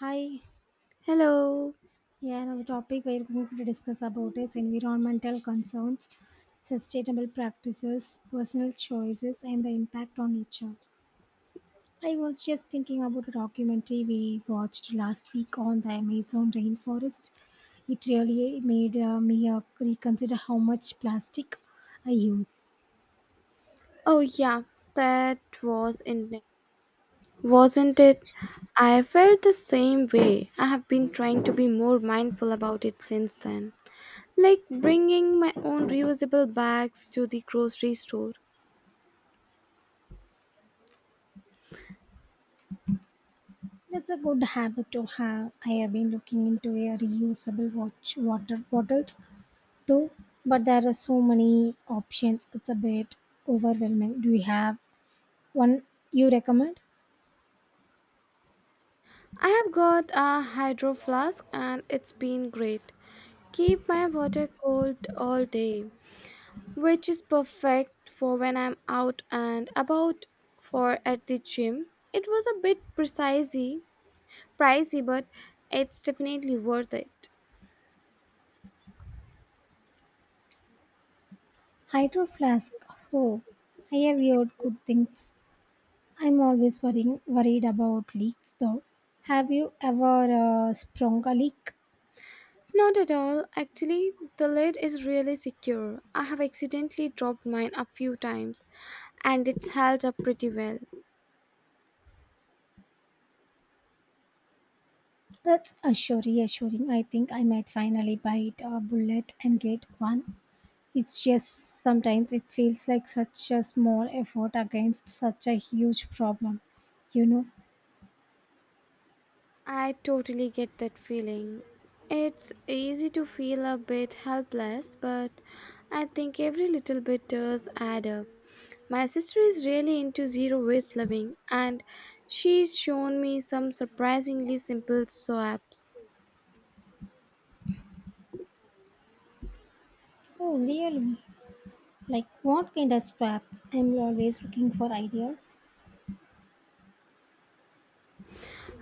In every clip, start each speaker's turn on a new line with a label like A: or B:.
A: Hi,
B: Hello.
A: yeah, now the topic we're going to discuss about is environmental concerns, sustainable practices, personal choices, and the impact on nature. I was just thinking about a documentary we watched last week on the Amazon rainforest. It really made me reconsider how much plastic I use.
B: Oh yeah, that was in wasn't it? I felt the same way. I have been trying to be more mindful about it since then. Like bringing my own reusable bags to the grocery store.
A: That's a good habit to have. I have been looking into a reusable watch water bottles too, but there are so many options. It's a bit overwhelming. Do you have one you recommend?
B: I have got a hydro flask and it's been great. Keep my water cold all day, which is perfect for when I'm out and about for at the gym. It was a bit precise pricey, but it's definitely worth it.
A: Hydro flask. Oh, I have heard good things. I'm always worrying worried about leaks though. Have you ever sprung a leak?
B: Not at all. Actually, the lid is really secure. I have accidentally dropped mine a few times and it's held up pretty well.
A: That's assure reassuring. I think I might finally bite a bullet and get one. It's just sometimes it feels like such a small effort against such a huge problem, you know
B: I totally get that feeling. It's easy to feel a bit helpless, but I think every little bit does add up. My sister is really into zero waste living and she's shown me some surprisingly simple swaps.
A: oh really. Like what kind of traps? I'm always looking for ideas.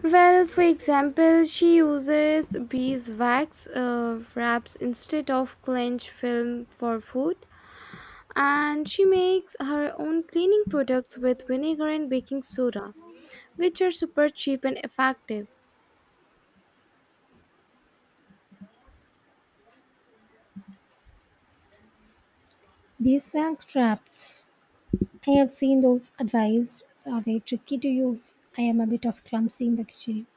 B: Well, for example, she uses beeswax wraps instead of cling film for food, and she makes her own cleaning products with vinegar and baking soda, which are super cheap and effective.
A: Beeswax traps. I have seen those advised. Are they tricky to use? I am a bit of clumsy in the kitchen.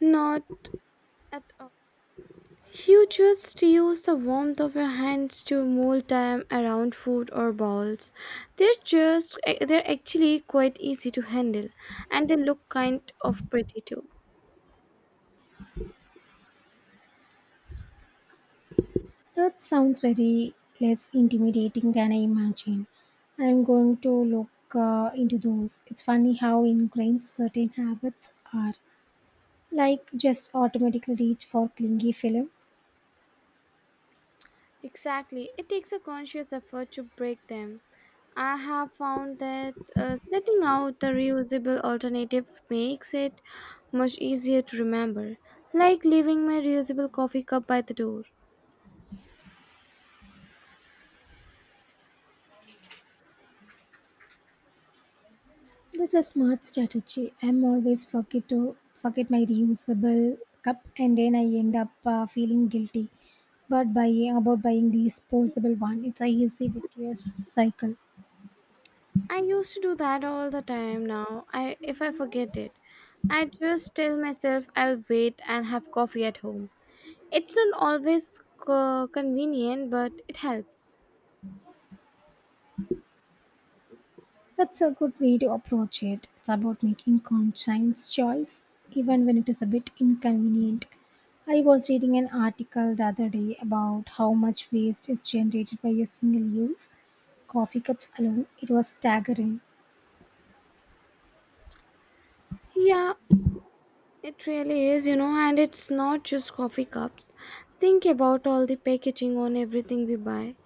B: Not at all. You just use the warmth of your hands to mold them around food or bowls. They're just they're actually quite easy to handle, and they look kind of pretty too.
A: That sounds very less intimidating than I imagine. I'm going to look into those. It's funny how ingrained certain habits are. Like just automatically reach for clingy film.
B: Exactly. It takes a conscious effort to break them. I have found that setting out the reusable alternative makes it much easier to remember, like leaving my reusable coffee cup by the door.
A: That's a smart strategy. I'm always forget to forget my reusable cup, and then I end up feeling guilty. But buying disposable one, it's a easy victorious cycle.
B: I used to do that all the time now. I If I forget it, I just tell myself I'll wait and have coffee at home. It's not always convenient, but it helps.
A: That's a good way to approach it. It's about making conscious choice, even when it is a bit inconvenient. I was reading an article the other day about how much waste is generated by a single use coffee cups alone. It was staggering.
B: Yeah, it really is, you know, and it's not just coffee cups. Think about all the packaging on everything we buy.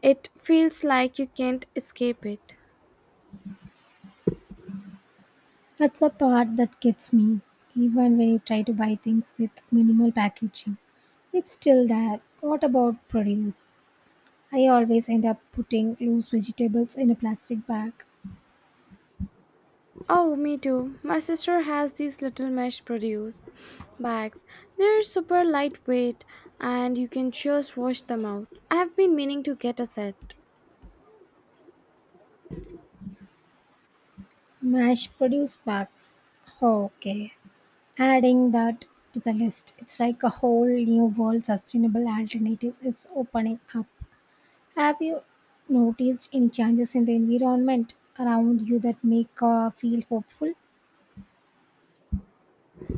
B: It feels like you can't escape it.
A: That's the part that gets me. Even when you try to buy things with minimal packaging, it's still there. What about produce? I always end up putting loose vegetables in a plastic bag.
B: Oh, me too. My sister has these little mesh produce bags. They're super lightweight and you can just wash them out. I have been meaning to get a set.
A: Mashed produce bags. Okay. Adding that to the list, it's like a whole new world sustainable alternatives is opening up. Have you noticed any changes in the environment around you that make feel hopeful?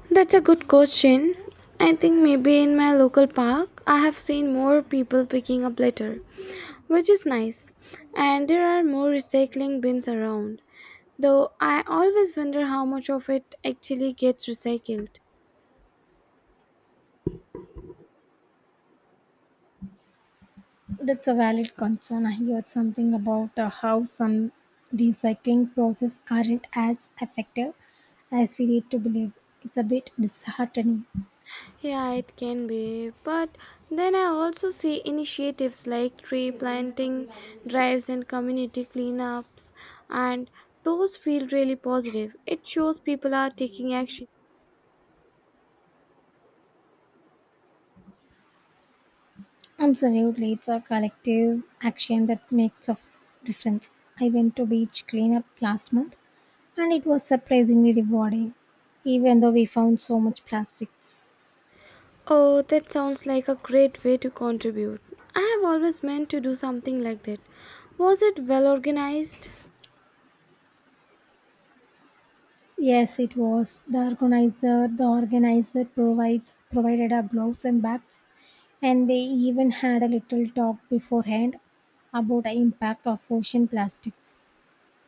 B: That's a good question. I think maybe in my local park, I have seen more people picking up litter, which is nice. And there are more recycling bins around, though I always wonder how much of it actually gets recycled.
A: That's a valid concern. I heard something about how some recycling processes aren't as effective as we need to believe. It's a bit disheartening.
B: Yeah, it can be, but then I also see initiatives like tree planting drives and community cleanups, and those feel really positive. It shows people are taking action.
A: Absolutely, it's a collective action that makes a difference. I went to beach cleanup last month and it was surprisingly rewarding, even though we found so much plastics.
B: Oh, that sounds like a great way to contribute. I have always meant to do something like that. Was it well organized?
A: Yes, it was. The organizer provides provided our gloves and bags, and they even had a little talk beforehand about the impact of ocean plastics.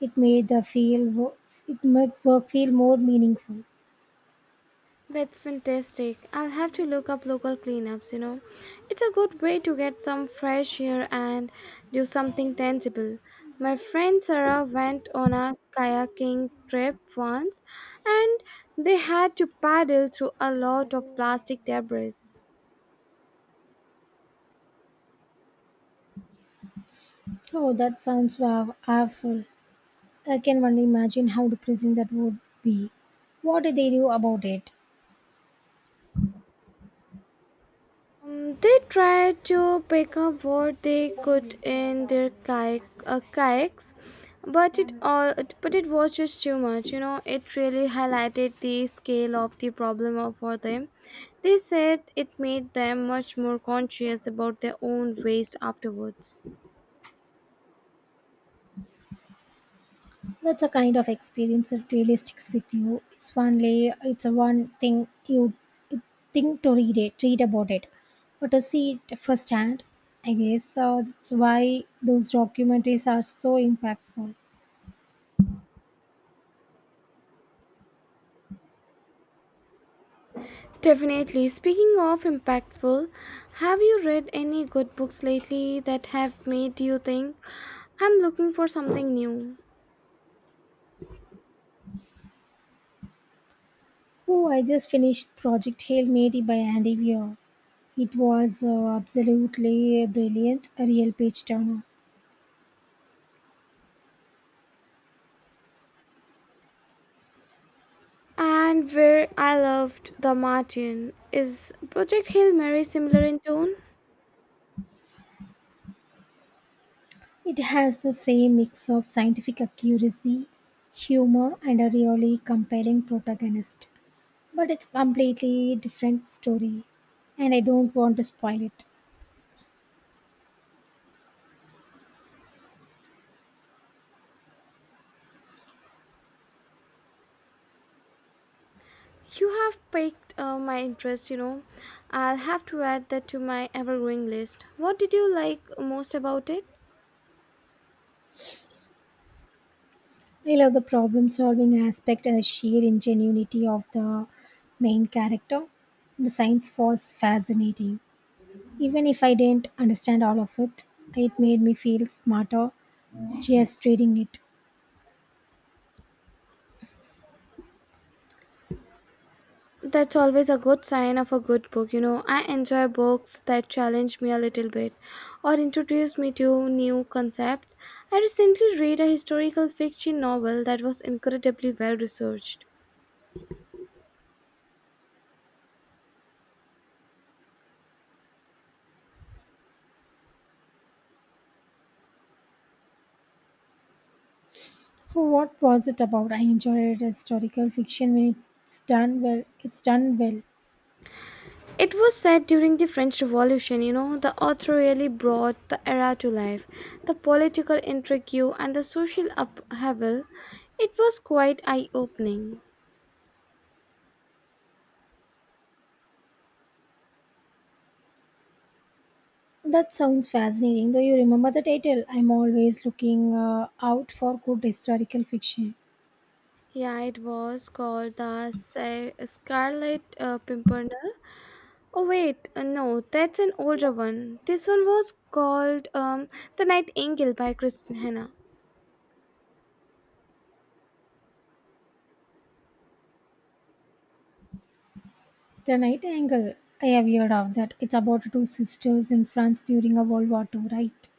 A: It made the feel wo- it made work feel more meaningful.
B: That's fantastic. I'll have to look up local cleanups, you know. It's a good way to get some fresh air and do something tangible. My friend Sarah went on a kayaking trip once and they had to paddle through a lot of plastic debris.
A: Oh, that sounds awful. I can only imagine how depressing that would be. What did they do about it?
B: They tried to pick up what they could in their kayaks, but it all but it was just too much. You know, it really highlighted the scale of the problem for them. They said it made them much more conscious about their own waste afterwards.
A: That's a kind of experience that really sticks with you. It's a one thing you think to read about it, but to see it firsthand, I guess so that's why those documentaries are so impactful.
B: Definitely. Speaking of impactful, have you read any good books lately that have made you think? I'm looking for something new.
A: Oh, I just finished Project Hail Mary by Andy Weir. It was absolutely brilliant, a real page turner.
B: And where I loved the Martin, is Project Hail Mary similar in tone?
A: It has the same mix of scientific accuracy, humor, and a really compelling protagonist, but it's completely different story and I don't want to spoil it.
B: You have piqued my interest, you know. I'll have to add that to my ever growing list. What did you like most about it?
A: I love the problem solving aspect and the sheer ingenuity of the main character. The science was fascinating, even if I didn't understand all of it. It made me feel smarter just reading it.
B: That's always a good sign of a good book, you know. I enjoy books that challenge me a little bit or introduce me to new concepts. I recently read a historical fiction novel that was incredibly well researched.
A: So what was it about? I enjoyed historical fiction when it's done well.
B: It was set during the French Revolution, you know. The author really brought the era to life. The political intrigue and the social upheaval. It was quite eye opening.
A: That sounds fascinating. Do you remember the title? I'm always looking out for good historical fiction.
B: Yeah, it was called the Scarlet Pimpernel. Oh, wait, no, that's an older one. This one was called The Nightingale by Kristen Hanna.
A: The Night Angle. I have heard of that. It's about two sisters in France during a World War II, right?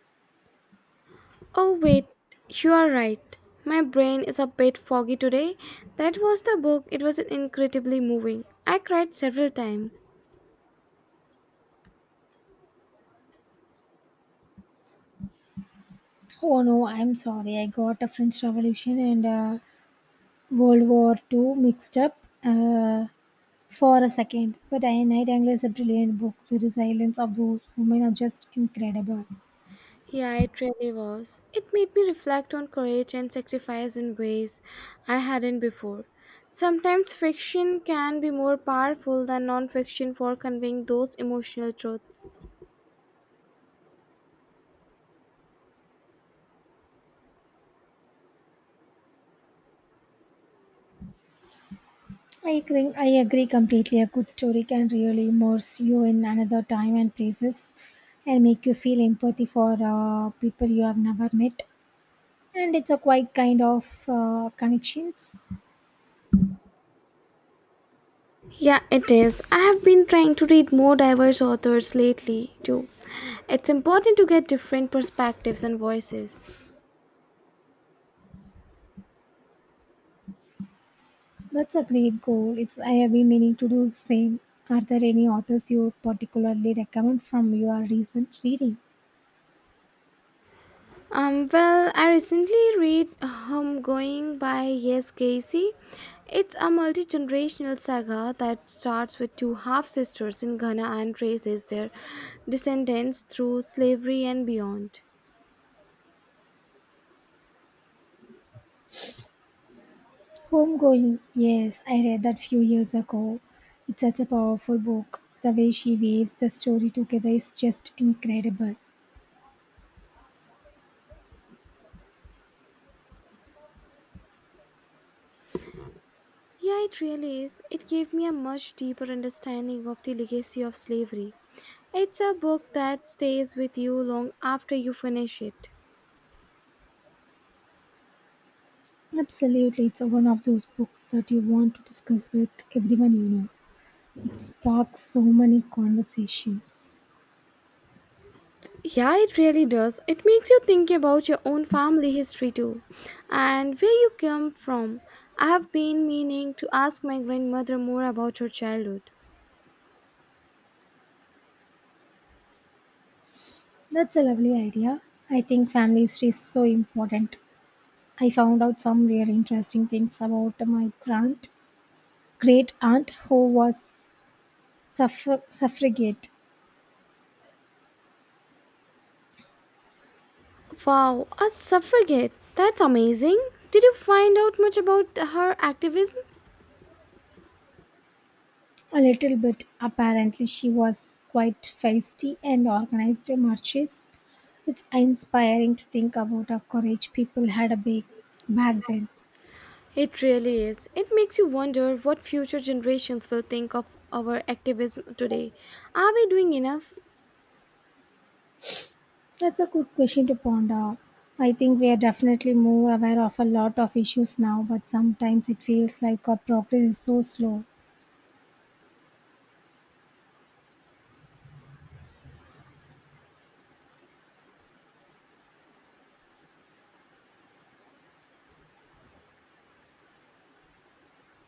B: Oh, wait, you are right. My brain is a bit foggy today. That was the book. It was incredibly moving. I cried several times.
A: Oh no, I'm sorry. I got a French Revolution and World War II mixed up uh, for a second. But I Night Angle is a brilliant book. The resilience of those women are just incredible.
B: Yeah, it really was. It made me reflect on courage and sacrifice in ways I hadn't before. Sometimes fiction can be more powerful than non-fiction for conveying those emotional truths.
A: I agree completely. A good story can really immerse you in another time and places and make you feel empathy for people you have never met. And it's a quite kind of connections.
B: Yeah, it is. I have been trying to read more diverse authors lately, too. It's important to get different perspectives and voices.
A: That's a great goal. It's I have been meaning to do the same. Are there any authors you particularly recommend from your recent reading?
B: Well, I recently read Home Going by Yes Casey. It's a multi generational saga that starts with two half sisters in Ghana and traces their descendants through slavery and beyond.
A: Homegoing, yes, I read that few years ago. It's such a powerful book. The way she weaves the story together is just incredible.
B: Yeah, it really is. It gave me a much deeper understanding of the legacy of slavery. It's a book that stays with you long after you finish it.
A: Absolutely, it's one of those books that you want to discuss with everyone, you know. It sparks so many conversations.
B: Yeah, it really does. It makes you think about your own family history too, and where you come from. I have been meaning to ask my grandmother more about her childhood.
A: That's a lovely idea. I think family history is so important. I found out some really interesting things about my grand great aunt who was suffragette.
B: Wow, a suffragette. That's amazing. Did you find out much about her activism?
A: A little bit. Apparently, she was quite feisty and organized marches. It's inspiring to think about the courage people had a back then.
B: It really is. It makes you wonder what future generations will think of our activism today. Are we doing enough?
A: That's a good question to ponder. I think we are definitely more aware of a lot of issues now, but sometimes it feels like our progress is so slow.